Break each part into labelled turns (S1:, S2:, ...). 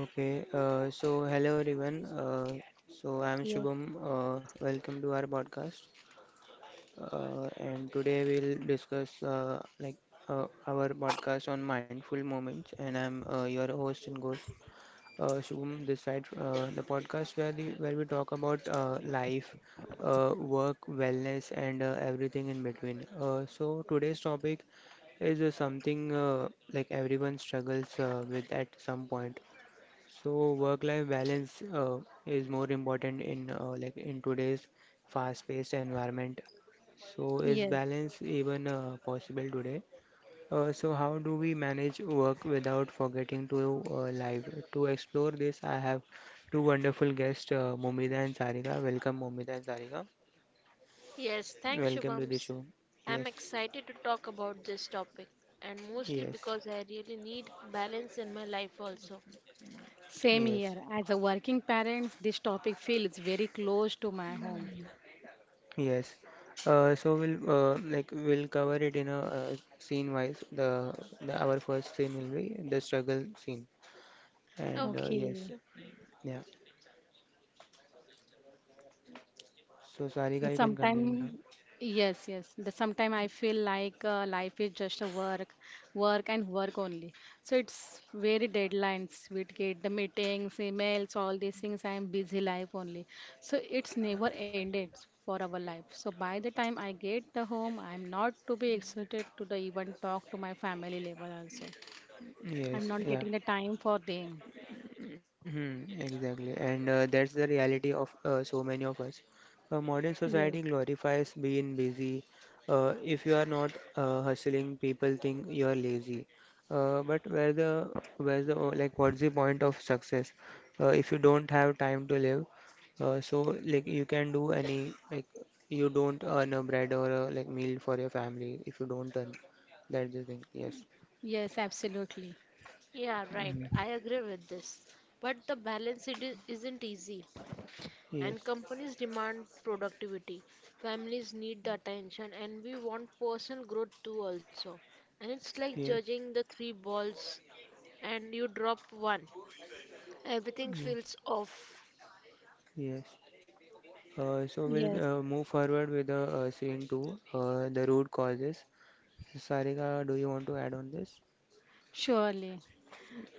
S1: Okay, so hello everyone. So I'm
S2: Yes,
S1: Shubham. Welcome to our podcast. And today we'll discuss like our podcast on mindful moments. And I'm your host, Shubham. This side, the podcast where we talk about life, work, wellness, and everything in between. So today's topic is something like everyone struggles with at some point, so work-life balance is more important in like in today's fast-paced environment. So is
S2: yes.
S1: balance even possible today? So how do we manage work without forgetting to live? To explore this, I have two wonderful guests, Mumida and Sarika. Welcome, Mumida and Sarika.
S3: Yes, thanks,
S1: Welcome to the
S3: Shubhams.
S1: show.
S3: I'm
S1: Yes,
S3: excited to talk about this topic, and mostly
S1: yes,
S3: because I really need balance in my life also.
S2: Same
S1: yes.
S2: here. As a working parent, this topic feels very close to my home.
S1: Yes. So we'll we'll cover it in a scene wise. The our first scene will be the struggle scene. And
S3: Okay,
S1: yes,
S2: Okay.
S1: yeah. So Sarika,
S2: The
S1: you can continue now.
S2: sometime, yes, yes. The sometime I feel like life is just a work, work and work only. So it's very deadlines. We get the meetings, emails, all these things. I am busy life only. So it's never ended for our life. So by the time I get the home, I am not to be excited to the even talk to my family level also. I'm
S1: Yes,
S2: not
S1: yeah.
S2: getting the time for them.
S1: Mhm. Exactly, and that's the reality of so many of us. Modern
S2: Yes,
S1: society glorifies being busy. If you are not hustling, people think you are lazy. But where the where's the oh, like what's the point of success if you don't have time to live? So like you can do any like you don't earn a bread or a like meal for your family if you don't earn. That's the thing. Yes.
S2: yes, absolutely.
S3: yeah, right,
S1: Hmm.
S3: I agree with this. But the balance isn't easy, and
S1: Yes.
S3: companies demand productivity, families need the attention, and we want personal growth too also. And it's like
S1: Yes.
S3: judging the three balls, and you drop one, everything
S1: Yes.
S3: feels off.
S1: Yes. So we'll
S2: Yes,
S1: move forward with the scene two, the root causes. Sarika, do you want to add on this?
S2: surely.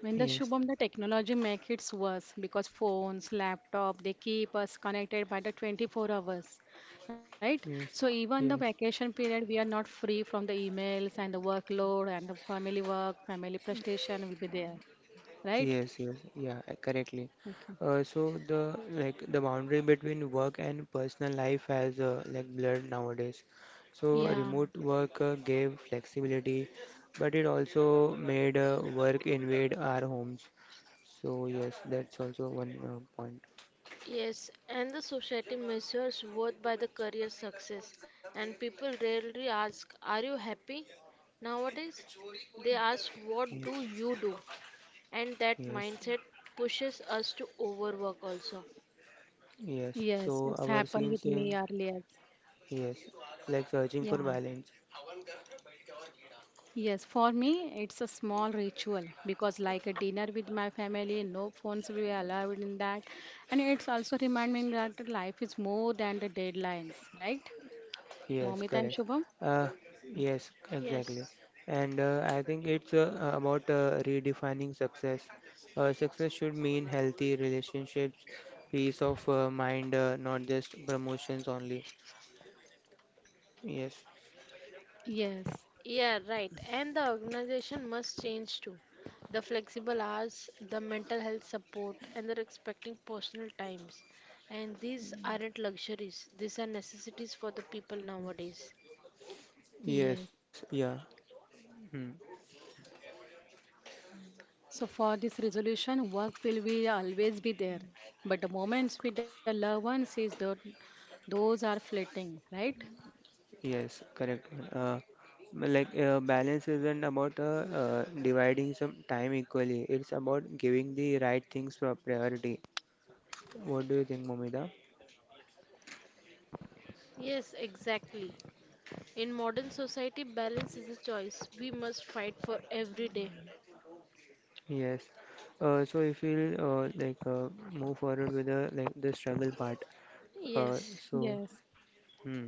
S2: When the
S1: Yes,
S2: Shubham, the technology makes it worse because phones, laptop, they keep us connected by the 24 hours, right? So
S1: yes,
S2: even the
S1: yes,
S2: vacation period, we are not free from the emails and the workload and the family work, family prestation will be there, right?
S1: yes, yes. Yeah, correctly.
S2: Okay.
S1: So the boundary between work and personal life has like blurred nowadays. So
S3: Yeah.
S2: Yeah.
S1: remote work gave flexibility, but it also made work invade our homes. So yes, that's also one point.
S3: Yes, and the society measures worth by the career success. And people rarely ask, are you happy? Nowadays, they ask, what do
S1: Yes,
S3: you do? And that
S1: yes.
S3: mindset pushes us to overwork also.
S1: Yes,
S2: Yes, it's
S1: so our
S2: happened with
S1: scenes
S2: me
S1: in
S2: earlier.
S1: yes, like searching for
S2: Yeah.
S1: balance.
S2: Yes, for me, it's a small ritual because, like a dinner with my family, no phones will be allowed in that. And it's also reminding me that life is more than the deadlines, right?
S1: Yes,
S2: Momita and
S1: correct.
S2: Shubham?
S1: Uh, yes, exactly.
S3: Yes.
S1: And I think it's about redefining success. Success should mean healthy relationships, peace of mind, not just promotions only. Yes,
S2: Yes,
S3: Yeah, right. And the organization must change too. The flexible hours, the mental health support, and they're expecting personal times. And these aren't luxuries, these are necessities for the people nowadays.
S1: yes,
S2: yes.
S1: yeah. Hmm.
S2: So, for this resolution, work will be always be there. But the moments with the loved ones is that those are fleeting, right?
S1: Yes, correct. Uh, like balance isn't about dividing some time equally. It's about giving the right things priority. What do you think, Momida?
S3: Yes, exactly. In modern society, balance is a choice we must fight for every day.
S1: Yes. So if we'll like move forward with the struggle part. Uh,
S3: Yes.
S1: so
S2: Yes,
S1: hmm.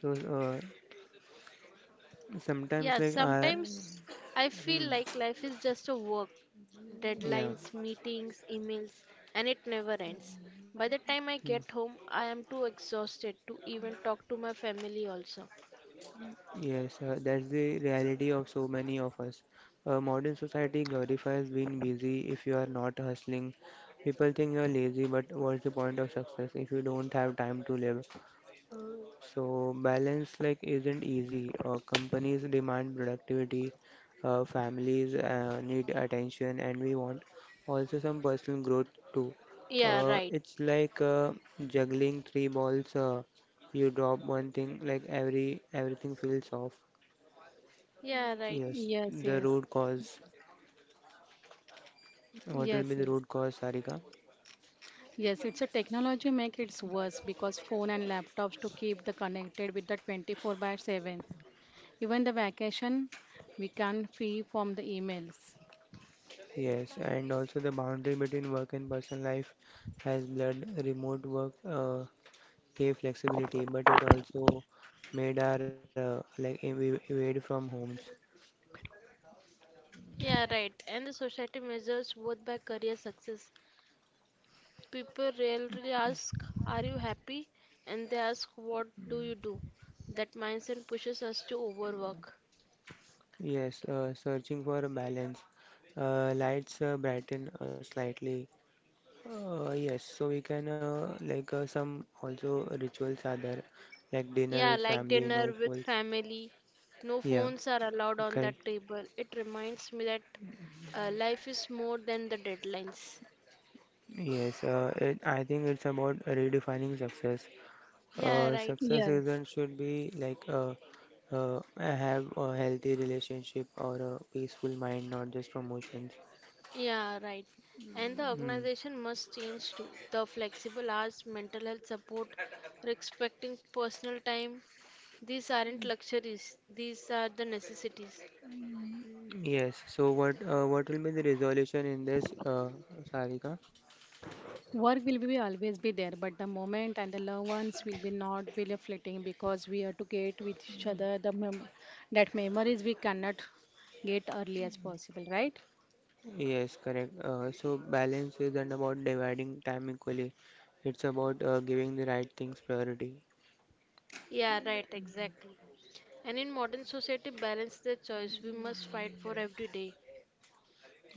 S1: So uh, sometimes
S3: Yeah,
S1: like I
S3: sometimes I feel
S1: hmm,
S3: like life is just a work, deadlines,
S1: yeah.
S3: meetings, emails, and it never ends. By the time I get home, I am too exhausted to even talk to my family also.
S1: Yes, that's the reality of so many of us. Modern society glorifies being busy if you are not hustling. People think you're lazy, but what's the point of success if you don't have time to live? So balance like isn't easy. Companies demand productivity, families need attention, and we want also some personal growth too.
S3: Yeah,
S1: Uh,
S3: right.
S1: it's like juggling three balls. You drop one thing, like everything feels off.
S3: Yeah, right.
S1: Yes,
S2: yes,
S1: the
S2: yes,
S1: root cause. What will
S2: yes,
S1: be the
S2: yes.
S1: root cause, Sarika?
S2: Yes, it's a technology make it's worse because phone and laptops to keep the connected with the 24 by 7. Even the vacation, we can free from the emails.
S1: Yes, and also the boundary between work and personal life has blurred. Remote work gave flexibility, but it also made our evade from homes.
S3: Yeah, right. And the society measures worth by career success. People rarely ask, are you happy? And they ask, what do you do? That mindset pushes us to overwork.
S1: Yes, searching for a balance. Lights brighten slightly. Yes, so we can like some also rituals are there, like dinner with
S3: Yeah, like
S1: family, no
S3: dinner with
S1: phones.
S3: family. No
S1: Yeah,
S3: phones are allowed on
S1: correct.
S3: that table. It reminds me that life is more than the deadlines.
S1: Yes, I think it's about redefining success.
S3: Yeah,
S1: Uh,
S3: right.
S1: success
S2: Yes.
S1: isn't should be like I have a healthy relationship or a peaceful mind, not just promotions.
S3: Yeah, right. And the
S1: Hmm.
S3: organization must change too. The flexible hours, mental health support, respecting personal time, these aren't luxuries, these are the necessities.
S1: Yes. So what will be the resolution in this, Sarika?
S2: Work will be always be there, but the moment and the loved ones will be not be fleeting because we are to get with each other the that memories we cannot get early as possible, right?
S1: Yes, correct. So balance isn't about dividing time equally. It's about giving the right things priority.
S3: Yeah, right, exactly. And in modern society, balance the choice we must fight for every day.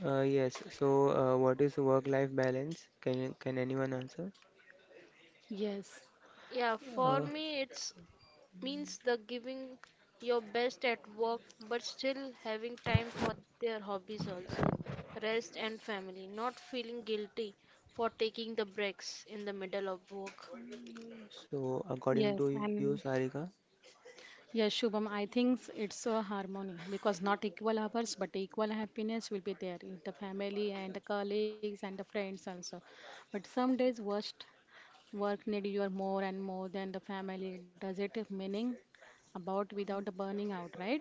S1: Yes. So what is work-life balance? Can anyone answer?
S2: Yes,
S3: Yeah, for
S1: Uh,
S3: me, it's means the giving your best at work, but still having time for their hobbies also, rest and family. Not feeling guilty for taking the breaks in the middle of work.
S1: So, according to
S2: yes,
S1: you,
S2: and
S1: Sarika,
S2: yes, Shubham, I think it's a harmony because not equal hours but equal happiness will be there in the family and the colleagues and the friends also. But some days worst work need you are more and more than the family. Does it have meaning about without the burning out, right?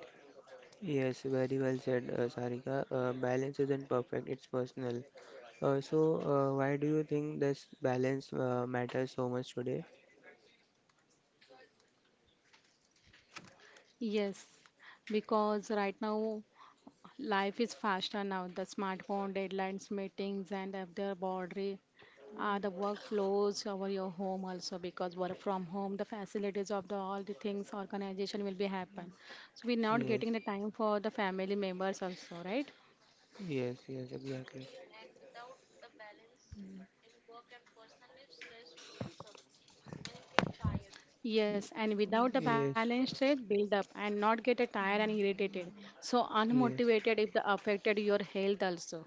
S1: yes, very well said, Sarika. Balance isn't perfect, it's personal. So, why do you think this balance matters so much today?
S2: Yes, because right now life is faster now. The smartphone, deadlines, meetings, and other boundary, the workflows over your home also because work from home, the facilities of the all the things organization will be happen. So we're not
S1: Yes,
S2: getting the time for the family members also, right?
S1: yes, yes, exactly.
S2: Yes,
S1: Y-
S2: and without the balance
S1: Yes,
S2: straight build up and not get a tired and irritated. So
S1: yes,
S2: unmotivated if the affected your health also.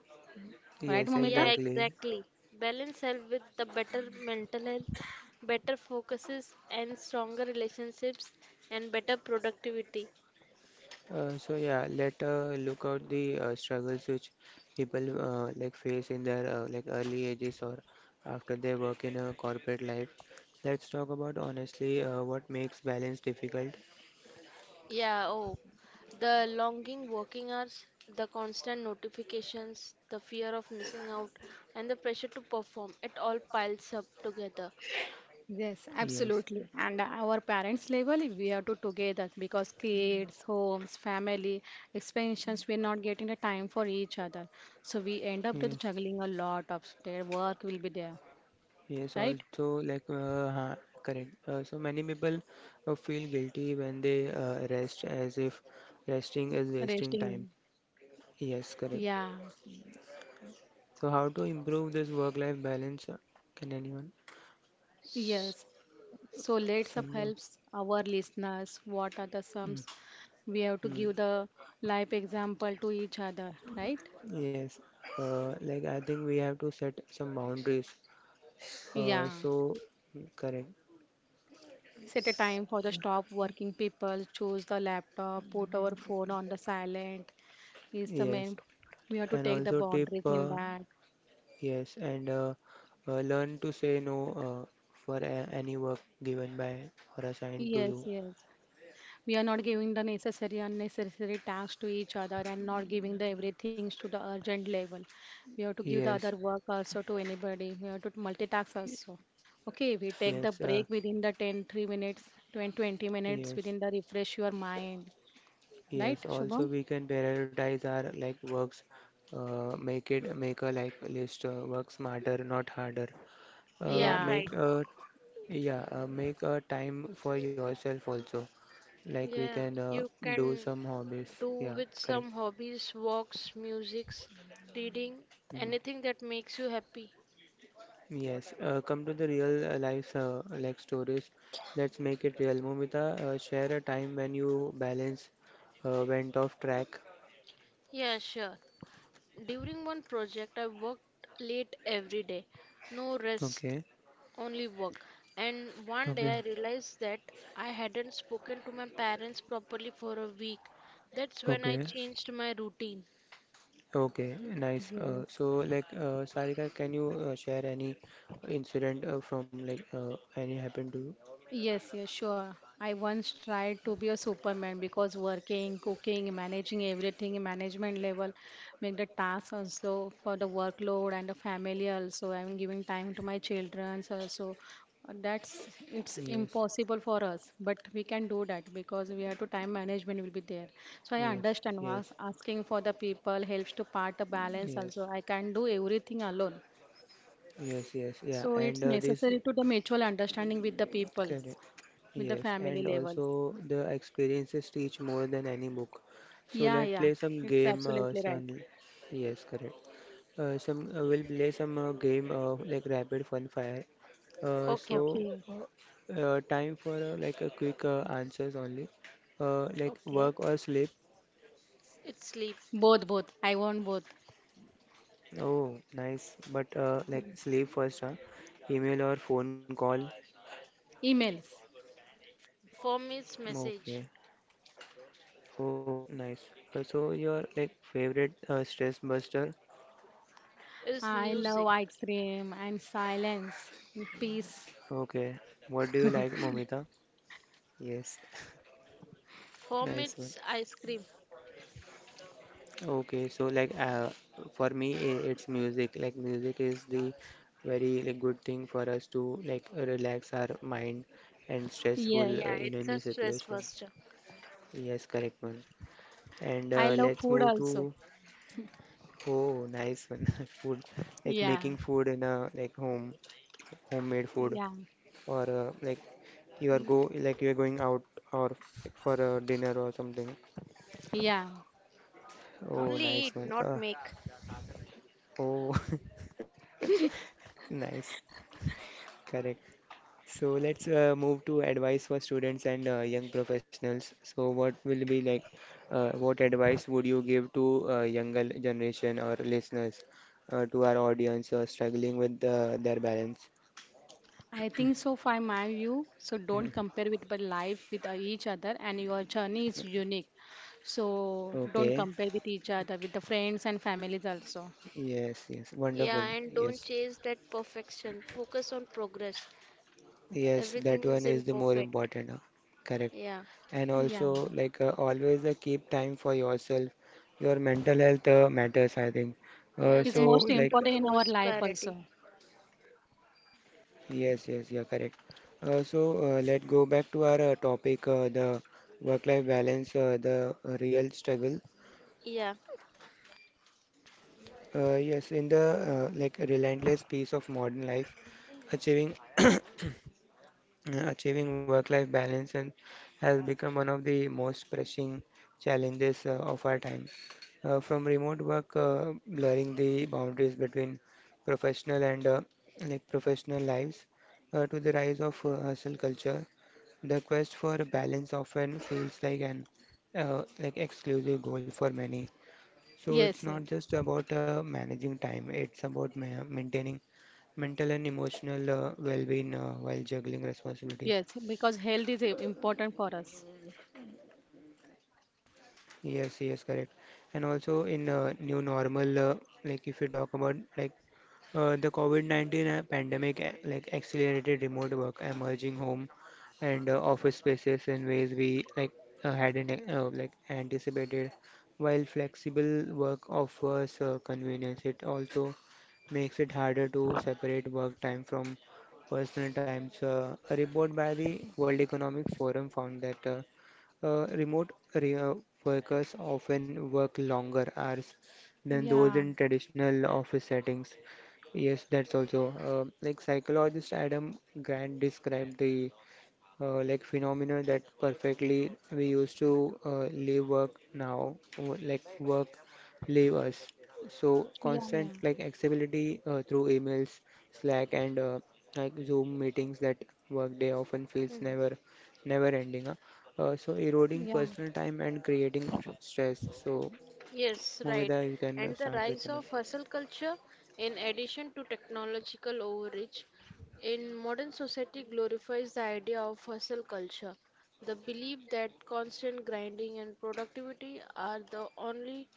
S2: Right,
S1: yes,
S2: Momita?
S3: Yeah,
S1: exactly.
S3: exactly. Balance help with the better mental health, better focuses and stronger relationships and better productivity.
S1: So yeah, let look out the struggles which people like face in their like early ages or after they work in a corporate life. Let's talk about honestly what makes balance difficult.
S3: Yeah, oh, the longing working hours, the constant notifications, the fear of missing out, and the pressure to perform, it all piles up together.
S2: Yes,
S1: Yes,
S2: absolutely. And our parents' level, we have to together because kids, homes, family, expansions, we're not getting the time for each other. So we end up with
S1: yes,
S2: juggling a lot of their work will be there,
S1: yes.
S2: right?
S1: Also, like correct. So many people feel guilty when they rest, as if resting is wasting time.
S2: Resting.
S1: Yes,
S2: Yeah,
S1: correct. So how to improve this work-life balance? Can anyone?
S3: S-
S2: yes. So let's up
S1: Some more.
S2: helps our listeners. What are the
S1: Mm.
S2: sums? We have to
S1: Mm.
S2: give the life example to each other, right?
S1: Yes, like I think we have to set some boundaries.
S2: Yeah.
S1: So correct.
S2: Set a time for the stop working people, choose the laptop, put our phone on the silent is the
S1: Yes,
S2: main. We have to
S1: and
S2: take the
S1: also tip.
S2: boundaries in
S1: Uh,
S2: that.
S1: yes, and learn to say no for a any work given by or assigned to
S2: Yes,
S1: you.
S2: yes. We are not giving the necessary, unnecessary tasks to each other and not giving the everything to the urgent level. We have to give the other
S1: Yes,
S2: work also to anybody. We have to multitask also. Okay, we take the
S1: yes,
S2: break within the 10 3 minutes, 10, 20 minutes
S1: yes,
S2: within the refresh your mind. Right,
S1: yes. Also,
S2: Shubham?
S1: we can prioritize our like works. Make a like list. Work smarter, not harder.
S3: Yeah,
S2: Yeah.
S3: right.
S1: Make a Yeah. Make a time for yourself also. Like we
S3: Yeah,
S1: can
S3: you
S1: do
S3: can
S1: some hobbies.
S3: do
S1: Yeah,
S3: with
S1: correct.
S3: some hobbies, walks, musics, reading,
S1: Mm.
S3: anything that makes you happy.
S1: Yes. Come to the real life like stories. Let's make it real. Momita, share a time when you balance went off track.
S3: Yeah, sure. During one project, I worked late every day. No rest,
S1: Okay.
S3: only work. And one
S1: Okay.
S3: day I realized that I hadn't spoken to my parents properly for a week. That's when I
S1: Okay.
S3: changed my routine.
S1: Okay. Nice. Uh,
S2: Yes.
S1: so like Sarika, can you share any incident from like any happened to you?
S2: Yes, yes, sure. I once tried to be a superman because working, cooking, managing everything, management level, make the task also for the workload and the family also. I'm giving time to my children also. That's it's
S1: Yes.
S2: impossible for us, but we can do that because we have to time management will be there. So I
S1: Yes.
S2: understand
S1: Yes.
S2: was asking for the people helps to part a
S1: Mm.
S2: balance
S1: Yes.
S2: also. I can't do everything alone.
S1: Yes, yes, yeah,
S2: So
S1: and
S2: it's
S1: this
S2: necessary to the mutual understanding with the people
S1: correct.
S2: with the
S1: Yes,
S2: family
S1: and
S2: levels.
S1: also the experiences teach more than any book. So
S2: Yeah,
S1: let's
S2: yeah,
S1: play some
S2: it's
S1: game,
S2: absolutely right.
S1: son. Yes, correct. Some we'll play some game like rapid fun fire. Uh,
S3: Okay,
S1: so
S3: okay,
S2: Okay,
S1: time for like a quick answers only. Like
S3: okay.
S1: work or sleep.
S3: It's sleep.
S2: both, both. I want both.
S1: Oh, nice. But like
S2: Mm.
S1: sleep first, huh? Email or phone call.
S2: Emails.
S3: For me, it's message.
S1: Okay. Oh, nice. So your like favorite stress buster?
S3: It's
S2: I
S3: music.
S2: love ice cream and silence and peace.
S1: Okay. What do you like, Momita? Yes,
S3: For me,
S1: nice
S3: it's
S1: one.
S3: ice cream.
S1: Okay, so like for me, it's music. Like music is the very like good thing for us to like relax our mind and
S2: Yes,
S1: stressful
S3: Yeah,
S1: in
S3: it's a
S1: any
S3: stress
S1: situation.
S3: buster.
S1: Yes, correct one. And
S2: I
S3: Okay.
S2: love
S1: let's
S2: food
S1: move
S2: also.
S1: to oh, nice one. Food, like
S2: Yeah,
S1: making food in a like home, homemade food,
S2: yeah,
S1: or like
S3: Eat.
S1: you are going out or like, for a dinner or something.
S2: yeah.
S1: Oh,
S3: Only
S1: nice
S3: eat,
S1: one.
S3: not make.
S1: Oh, nice. Correct. So let's move to advice for students and young professionals. So what will be like, what advice would you give to younger generation or listeners, to our audience who are struggling with their balance?
S2: I think so, for my view. So don't
S1: Mhm.
S2: compare with but life with each other, and your journey is unique. So don't
S1: Okay.
S2: compare with each other with the friends and families also.
S1: Yes, yes.
S3: Yeah,
S1: Wonderful.
S3: and don't
S1: Yes.
S3: chase that perfection. Focus on progress.
S1: Yes, that
S3: Everything
S1: one
S3: is
S1: is the more
S3: imperfect.
S1: important. Correct.
S3: Yeah.
S1: And
S2: Yeah.
S1: also, like always, keep time for yourself. Your mental health matters, I think. Uh,
S3: Yeah,
S2: Is
S3: that
S1: so,
S2: most
S3: need to
S1: like,
S3: be
S2: important in our
S3: forced
S2: life
S3: parity.
S2: also.
S1: yes, yes, you're correct. So, let's go back to our topic, the work-life balance, the real struggle.
S3: Yeah.
S1: Yes, in the like relentless pace of modern life, achieving. Achieving work-life balance and has become one of the most pressing challenges of our time. From remote work, blurring the boundaries between professional and like professional lives, to the rise of hustle culture, the quest for a balance often feels like an like exclusive goal for many. So it's
S2: Yes,
S1: not
S2: yes,
S1: just about managing time; it's about ma maintaining mental and emotional well-being while juggling responsibilities.
S2: yes, because health is important for us.
S1: Yes, yes, correct. And also in new normal, like if you talk about like the COVID-19 pandemic, like accelerated remote work, emerging home and office spaces in ways we like hadn't like anticipated. While flexible work offers convenience, it also makes it harder to separate work time from personal times. A report by the World Economic Forum found that remote workers often work longer hours than those
S2: Yeah,
S1: in traditional office settings. Yes, that's also like psychologist Adam Grant described the like phenomenal that perfectly we used to live work now like work leave us, so
S2: yeah, yeah,
S1: constant like accessibility through emails, slack, and like zoom meetings, that workday often
S3: Mhm.
S1: feels never ending, huh? So eroding
S2: yeah.
S1: personal time and creating stress, so
S3: Yes, right.
S1: Mumida, you can
S3: And the
S1: start
S3: rise
S1: with
S3: of
S1: another.
S3: hustle culture, in addition to technological overreach, in modern society glorifies the idea of hustle culture, the belief that constant grinding and productivity are the only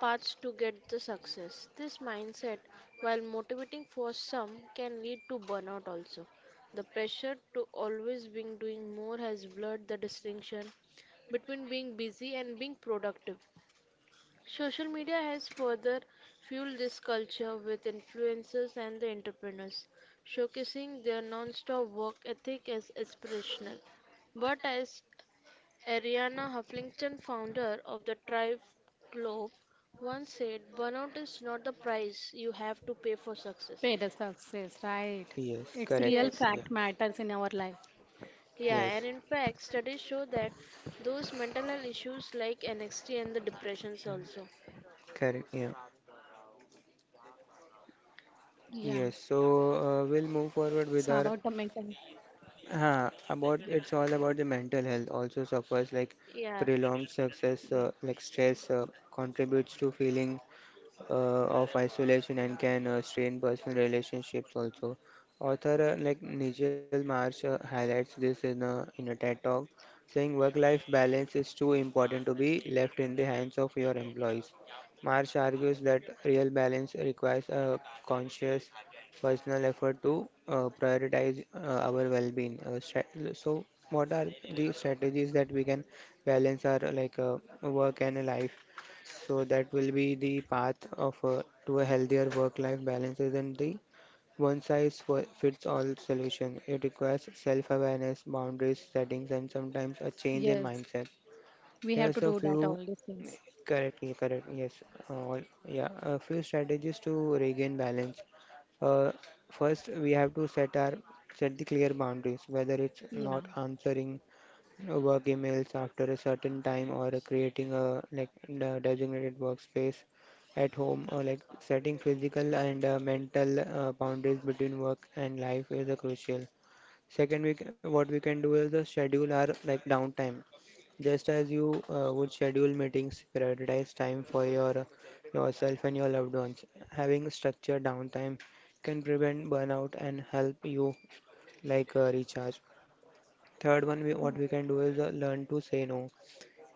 S3: paths to get the success. This mindset, while motivating for some, can lead to burnout also. The pressure to always be doing more has blurred the distinction between being busy and being productive. Social media has further fueled this culture with influencers and the entrepreneurs, showcasing their non-stop work ethic as inspirational. But as Ariana Huffington, founder of the Tribe Globe, once said, burnout is not the price you have to pay for success.
S2: Pay the success, right?
S1: Yes,
S2: It's
S1: correct,
S2: real
S3: Yes,
S1: yeah,
S2: fact matters in our life.
S3: yeah, and
S1: yes,
S3: in fact, studies show that those mental health issues like NXT and the depressions also.
S1: correct, yeah.
S2: Yeah.
S1: Yes, so
S2: So
S1: we'll move
S2: about the
S1: forward with our.
S2: mental,
S1: About it's all about the mental health also suffers like
S3: Yeah,
S1: prolonged success like stress contributes to feeling of isolation and can strain personal relationships also. Author like Nigel Marsh highlights this in a TED talk, saying work-life balance is too important to be left in the hands of your employees. Marsh argues that real balance requires a conscious personal effort to prioritize our well-being. So what are the strategies that we can balance our like work and life? So that will be the path of to a healthier work-life balance isn't the one-size-fits-all solution. It requires self-awareness, boundaries, settings, and sometimes a change in
S2: yes,
S1: mindset.
S2: we have to
S1: Here's a
S2: do that all
S1: few,
S2: these things.
S1: correct, yeah, correct, yes, all, yeah, a few strategies to regain balance. Uh, First, we have to set the clear boundaries, whether it's
S2: Yeah.
S1: not answering work emails after a certain time, or creating a, like, the designated workspace at home, or like setting physical and mental boundaries between work and life is crucial. Second, what we can do is the schedule our, like, downtime. Just as you would schedule meetings, prioritize time for yourself and your loved ones. Having structured downtime can prevent burnout and help you like recharge. Third one, what we can do is learn to say no.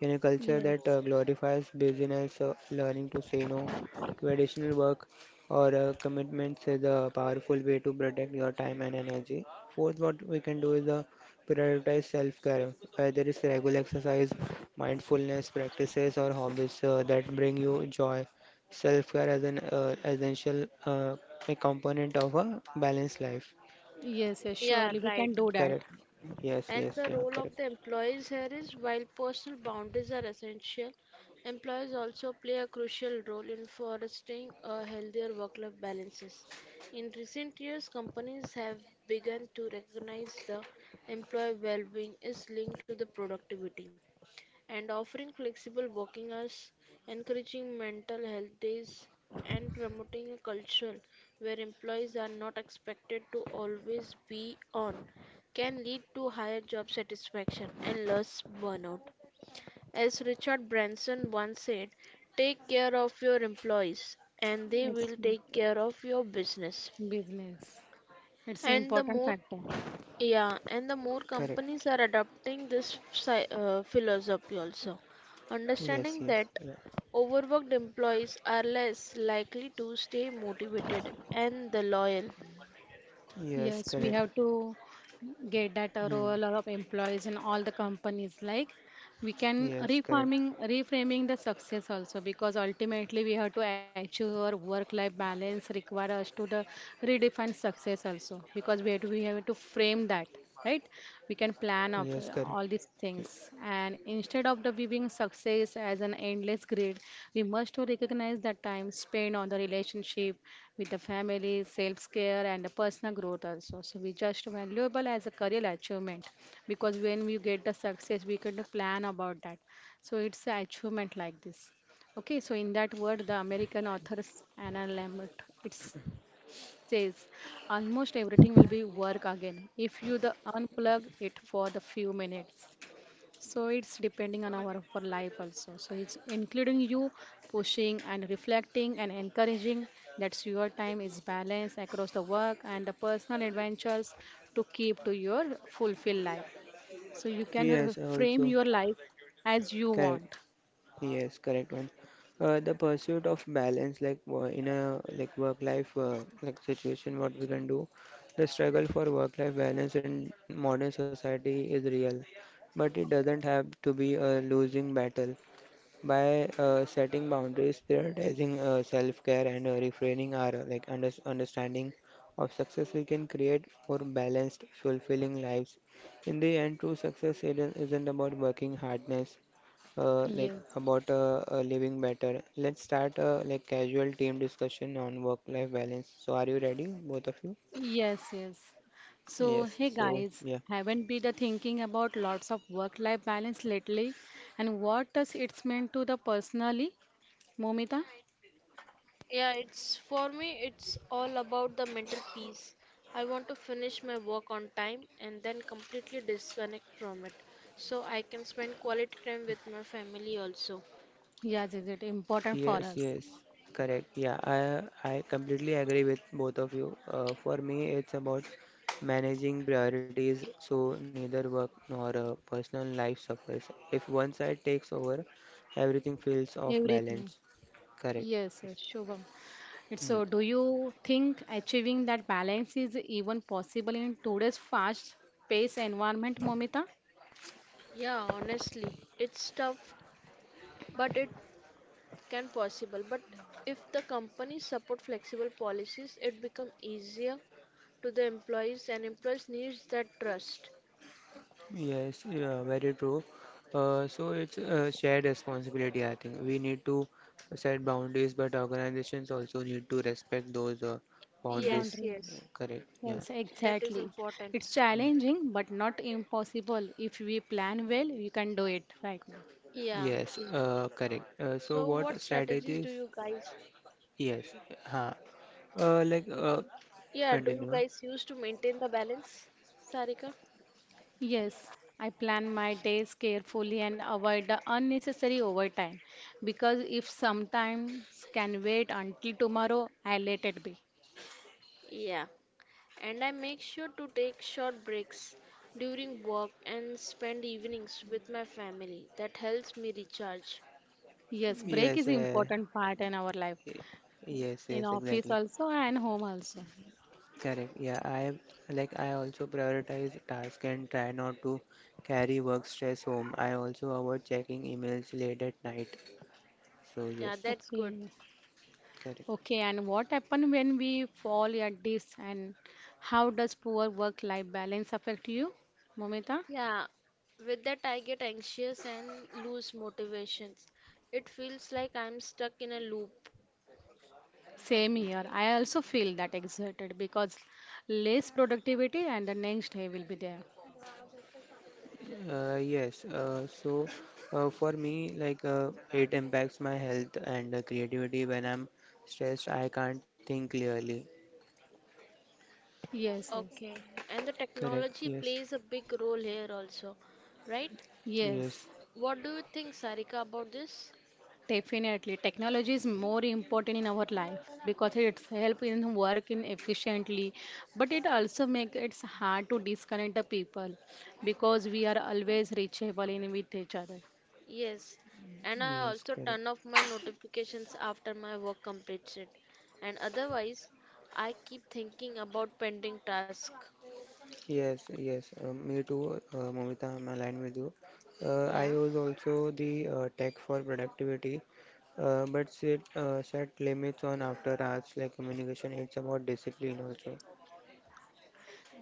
S1: In a culture that
S2: Yes.
S1: glorifies busyness, learning to say no to additional work or commitments is a powerful way to protect your time and energy. Fourth, what we can do is prioritize self-care, whether it's regular exercise, mindfulness practices, or hobbies that bring you joy. Self-care as an essential, a component of a balanced life.
S2: Yes, yes,
S3: yeah,
S2: surely we
S3: right.
S2: can do that.
S1: Correct. Yes.
S3: And
S1: Yes.
S3: the
S1: Yeah.
S3: role
S1: Correct.
S3: of the employees here is while personal boundaries are essential, employees also play a crucial role in fostering a healthier work life balances. In recent years, companies have begun to recognize the employee well being is linked to the productivity and offering flexible working hours, encouraging mental health days, and promoting a culture where employees are not expected to always be on can lead to higher job satisfaction and less burnout. As Richard Branson once said, take care of your employees and they
S2: It's
S3: will take care of your business.
S2: business. It's an
S3: And the
S2: important
S3: more
S2: factor.
S3: yeah, and the more
S1: Correct.
S3: companies are adopting this philosophy also,
S1: Yes,
S3: understanding
S1: yes,
S3: that
S1: yeah.
S3: overworked employees are less likely to stay motivated and the loyal.
S1: Yes,
S2: Yes, we
S1: correct.
S2: have to get that a
S1: Hmm.
S2: role of employees in all the companies. Like we can
S1: Yes, correct.
S2: reforming, reframing the success also because ultimately we have to achieve our work-life balance require us to the redefine success also because we have to frame that right. We can
S1: Yes,
S2: plan
S1: correct.
S2: of all these things and instead of the we being success success as an endless grid, we must to recognize that time spent on the relationship with the family, self-care, and the personal growth also. So we just valuable as a career achievement because when we get the success, we can plan about that. So it's an achievement like this. Okay, so in that word, the American authors Anna Lambert, it says, almost everything will be work again if you the unplug it for the few minutes. So it's depending on our life also. So it's including you pushing and reflecting and encouraging that your time is balanced across the work and the personal adventures to keep to your fulfilled life. So you can
S1: Yes,
S2: frame
S1: also
S2: your life as you want.
S1: correct. Yes, correct one. The pursuit of balance, like in a like work life like situation, what we can do. The struggle for work life balance in modern society is real, but it doesn't have to be a losing battle. By setting boundaries, prioritizing self-care, and refraining our like understanding of success, we can create more balanced, fulfilling lives. In the end, true success isn't about working hardness, like
S2: Yes.
S1: about living better. Let's start a like casual team discussion on work-life balance. So, are you ready, both of you?
S2: Yes, yes. So,
S1: Yes.
S2: hey
S1: So,
S2: guys,
S1: yeah.
S2: haven't been the thinking about lots of work-life balance lately, and what does it mean to the personally, Momita?
S3: Yeah, it's for me, it's all about the mental peace. I want to finish my work on time and then completely disconnect from it so I can spend quality time with my family also.
S2: Yes, is it important for
S1: Yes,
S2: us?
S1: yes, correct. Yeah, I completely agree with both of you. For me, it's about managing priorities, so neither work nor personal life suffers. If one side takes over, everything feels off
S2: Everything.
S1: balance. Correct.
S2: Yes, yes, Shubham. It's so, do you think achieving that balance is even possible in today's fast-paced environment, Momita?
S3: Yeah, honestly, it's tough, but it can possible but if the companies support flexible policies it become easier to the employees and employees needs that trust.
S1: Yes, yes, yeah, very true. So it's a shared responsibility, I think. We need to set boundaries, but organizations also need to respect those boundaries.
S3: Yes,
S2: Boundaries.
S3: yes,
S1: Correct. Yeah.
S2: Yes,
S3: that is
S2: exactly.
S3: important.
S2: It's challenging, but not impossible. If we plan well, we can do it right now.
S3: Yeah,
S1: Yes,
S3: so what
S1: correct. Uh,
S3: strategies do
S1: so
S3: you
S1: what
S3: guys,
S1: strategies? Yes, huh. Like
S3: yeah, do you guys
S1: continue.
S3: use to maintain the balance, Sarika?
S2: Yes, I plan my days carefully and avoid the unnecessary overtime because if sometimes can wait until tomorrow, I let it be.
S3: Yeah, and I make sure to take short breaks during work and spend evenings with my family that helps me recharge.
S2: Yes, break
S1: Yes,
S2: is important part in our life,
S1: y- yes,
S2: in
S1: yes,
S2: office
S1: exactly.
S2: also and home also.
S1: Correct. Yeah, I like I also prioritize tasks and try not to carry work stress home. I also avoid checking emails late at night. So
S3: Yeah,
S1: yes,
S3: that's good.
S2: Okay,
S1: correct.
S2: okay. And what happen when we fall at this, and how does poor work-life balance affect you, Momita?
S3: Yeah, with that, I get anxious and lose motivations. It feels like I'm stuck in a loop.
S2: Same here. I also feel that exerted because less productivity, and the next day will be there.
S1: Yes. So for me, like it impacts my health and creativity. When I'm stressed, I can't think clearly.
S2: Yes, yes,
S3: Okay, and the
S1: Correct.
S3: technology
S1: Yes.
S3: plays a big role here also, right?
S1: Yes.
S2: yes.
S3: What do you think, Sarika, about this?
S2: Definitely, technology is more important in our life because it's help in work in efficiently, but it also make it's hard to disconnect the people because we are always reachable in with each other.
S3: Yes, and I
S1: Yes.
S3: also
S1: Correct.
S3: turn off my notifications after my work completes it, and otherwise, I keep thinking about pending tasks.
S1: Yes. Yes. Me too, Momita. I'm aligned with you. I
S3: Yeah.
S1: use also the tech for productivity, but set limits on after hours like communication. It's about discipline also.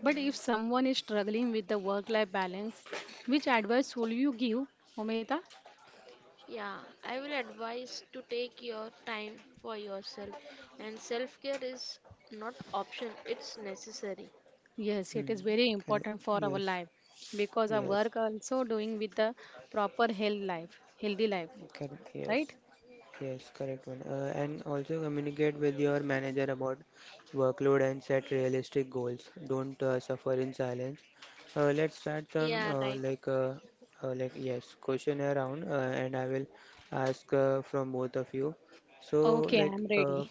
S2: But if someone is struggling with the work-life balance, which advice will you give, Omita?
S3: Yeah, I will advise to take your time for yourself and self care is not optional, it's necessary.
S2: Yes, it
S1: Hmm.
S2: is very
S1: Correct.
S2: important for our
S1: Yes.
S2: life because our
S1: Yes.
S2: work also doing with the proper health life, healthy life,
S1: Correct. Yes.
S2: right?
S1: Yes, correct one. And also communicate with your manager about workload and set realistic goals. Don't suffer in silence. Let's start some
S3: Yeah, right.
S1: like yes questionnaire round, and I will ask from both of you. So
S2: Okay,
S3: Okay.
S1: like
S2: I'm ready.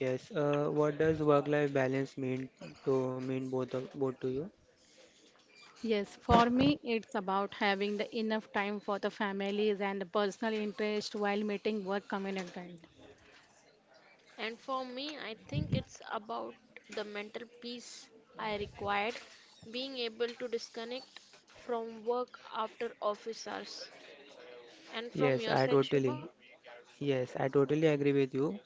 S1: yes, what does work-life balance mean both to you?
S2: Yes, for me, it's about having the enough time for the families and the personal interest while meeting work commitment.
S3: And for me, I think it's about the mental peace I required, being able to disconnect from work after office hours. And from
S1: Yes,
S3: your
S1: I
S3: side, Shubham?
S1: totally. Yes, I totally agree with you,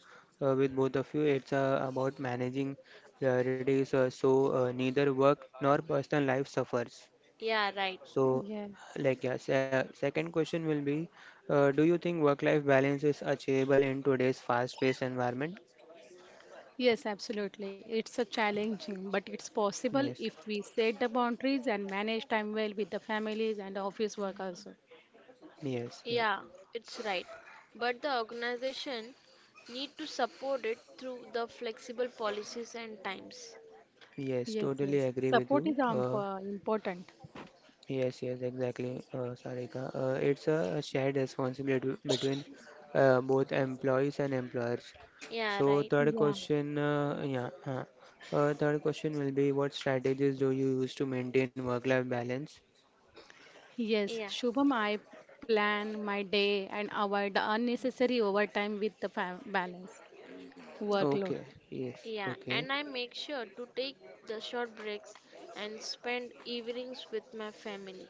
S1: with both of you. It's about managing priorities, so neither work nor personal life suffers.
S3: Yeah, right.
S1: So,
S2: Yes.
S1: like, yeah, second question will be, do you think work life balance is achievable in today's fast paced environment?
S2: Yes, absolutely. It's a challenging, but it's possible
S1: Yes,
S2: if we set the boundaries and manage time well with the families and office work also.
S1: yes, yeah,
S3: Yeah, it's right. But the organization need to support it through the flexible policies and times.
S1: yes,
S2: Yes,
S1: totally
S2: yes.
S1: agree with
S2: Support
S1: you.
S2: is important.
S1: Yes, yes, exactly, Sarika. It's a shared responsibility between both employees and employers.
S3: Yeah,
S1: So,
S3: right.
S1: third
S2: Yeah.
S1: question, yeah, third question will be, what strategies do you use to maintain work-life balance?
S2: Yes,
S3: Yeah.
S2: Shubham, I plan my day and avoid the unnecessary overtime with the fam balance workload.
S1: Okay, yes,
S3: Yeah,
S1: okay,
S3: and I make sure to take the short breaks and spend evenings with my family.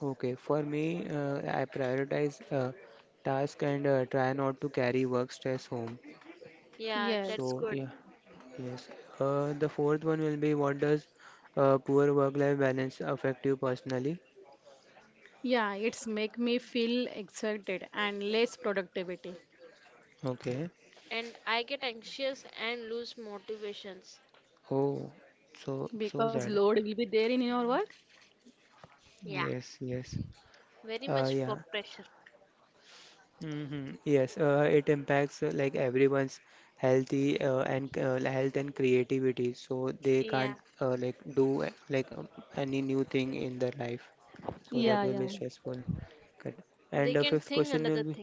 S1: okay. For me, I prioritize task and try not to carry work stress home.
S3: Yeah, that's
S2: Yes.
S1: So,
S3: good.
S1: yeah. Yes. The fourth one will be, what does poor work-life balance affect you personally?
S2: Yeah, it's make me feel excited and less productivity
S1: Okay.
S3: And I get anxious and lose motivations.
S1: Oh, so
S2: because
S1: sad.
S2: load will be there in your work.
S3: Yeah.
S1: Yes, yes.
S3: Very much
S1: Yeah.
S3: work pressure.
S1: Yes. It impacts like everyone's healthy and health and creativity, so they can't
S3: Yeah,
S1: like do like any new thing in their life. So that
S3: yeah.
S1: will
S2: Yeah,
S1: be
S2: yeah.
S1: stressful. Correct.
S3: They can
S1: And the
S3: think
S1: fifth
S3: another
S1: question
S3: thing.
S1: will be.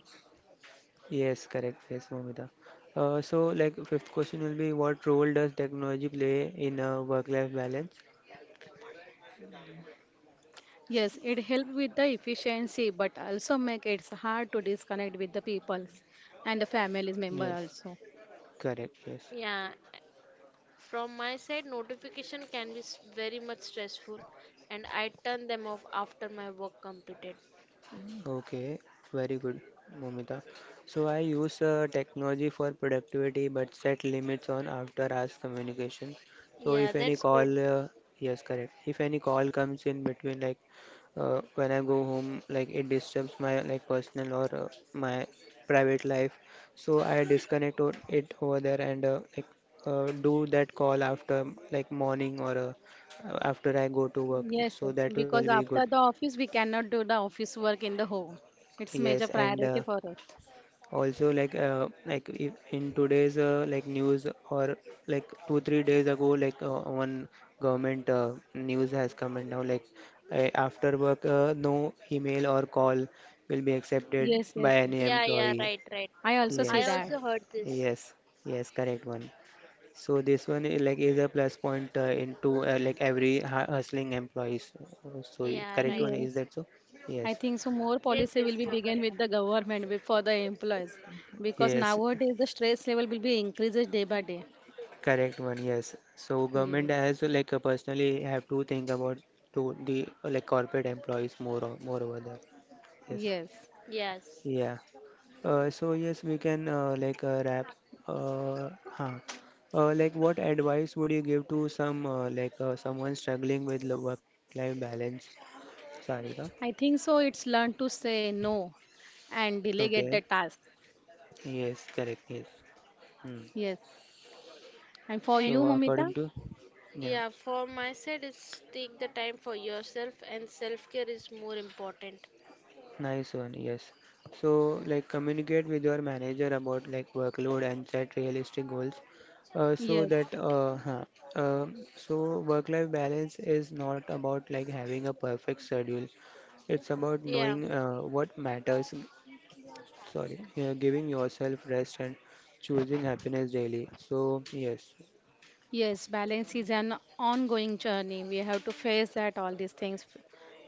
S1: Yes, correct. Yes, Momita. So, like, fifth question will be, what role does technology play in a work-life balance?
S2: Yes, it help with the efficiency, but also make it hard to disconnect with the people and the families member
S1: Yes,
S2: also.
S1: correct. Yes.
S3: Yeah, from my side, notification can be s- very much stressful and I turn them off after my work completed.
S1: Okay, very good, Momita. So I use technology for productivity but set limits on after hours communication. So
S3: Yeah,
S1: if any
S3: that's good.
S1: call, yes, correct. If any call comes in between, like when I go home, like it disturbs my like personal or my private life. So I disconnect it over there and like do that call after, like, morning or after I go to work.
S2: Yes,
S1: So
S2: yes,
S1: that will
S2: because
S1: be good.
S2: after the office we cannot do the office work in the home. It's
S1: Yes,
S2: major
S1: and
S2: priority for us.
S1: also like if in today's like news, or like 2-3 days ago, like one government news has come, and now like after work, no email or call will be accepted
S2: Yes, yes,
S1: by
S2: yes.
S1: any
S3: Yeah, yeah,
S1: employee.
S3: right, right.
S2: I also see
S3: I
S1: Yes,
S2: that.
S3: also heard this.
S1: yes, yes, correct one. So this one is, like, is a plus point into like every hustling employees. So
S3: Yeah,
S1: correct
S3: right.
S1: one is
S2: Yes.
S1: that. So
S2: I
S1: yes,
S2: think so. More
S3: Yes,
S2: policy
S3: yes,
S2: will be
S3: you are
S2: begin with
S3: correct.
S2: the government for the employees because
S1: yes.
S2: nowadays the stress level will be increases day by day.
S1: Correct one, yes. So government
S2: Yes.
S1: has like personally have to think about to the like corporate employees more over there. Yes.
S2: Yes.
S3: Yes.
S1: Yeah. So yes, we can like wrap. Uh, huh. Like, what advice would you give to some like someone struggling with work-life balance? Sarika.
S2: I think so. It's learn to say no and delegate the
S1: Okay.
S2: task.
S1: Yes. Correct. Yes.
S2: Yes. And for
S3: And
S2: you,
S1: So
S2: Mamita?
S1: according to, yeah.
S3: yeah, for my side, it's take the time for yourself and self care is more important.
S1: Nice one, yes. So, like, communicate with your manager about like workload and set realistic goals. Uh, so
S2: Yes.
S1: that uh, huh, so work-life balance is not about, like, having a perfect schedule. It's about
S3: Yeah,
S1: knowing what matters. Sorry, yeah, giving yourself rest and choosing happiness daily. So yes,
S2: Yes, balance is an ongoing journey. We have to face that all these things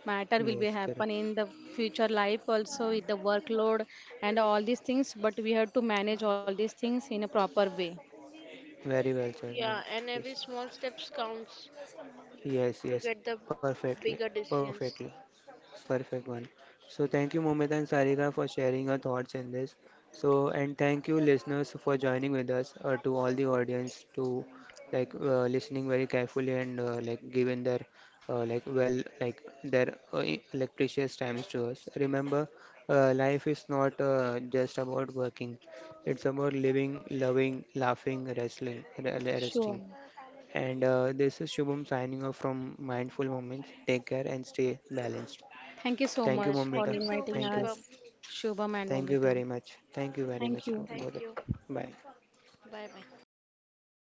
S2: matter will be
S1: yes,
S2: happen
S1: correct.
S2: in the future life also with the workload and all these things, but we have to manage all these things in a proper way.
S1: Very well, sir. No,
S3: yeah, and every
S1: yes,
S3: small steps counts
S1: yes,
S3: to
S1: yes.
S3: get the
S1: Perfectly,
S3: bigger decisions.
S1: perfectly. Perfect one. So thank you, Momita and Sarika, for sharing your thoughts in this. So and thank you, listeners, for joining with us. To all the audience, to, like, listening very carefully and like giving their like well like their like precious times to us. Remember, life is not just about working. It's about living, loving, laughing, wrestling,
S2: Sure.
S1: resting. And this is Shubham signing off from Mindful Moments. Take care and stay balanced.
S2: Thank you so
S1: Thank you,
S3: Yeah,
S2: much for
S3: thank
S1: Momita.
S3: you so
S2: inviting
S3: much,
S1: Thank you.
S3: Shubham.
S2: us, Shubham and
S1: Thank you
S2: Momita.
S1: very much. Thank you very
S2: Thank
S1: much,
S2: you.
S3: Thank
S1: both of.
S3: you.
S1: Bye.
S3: Bye bye.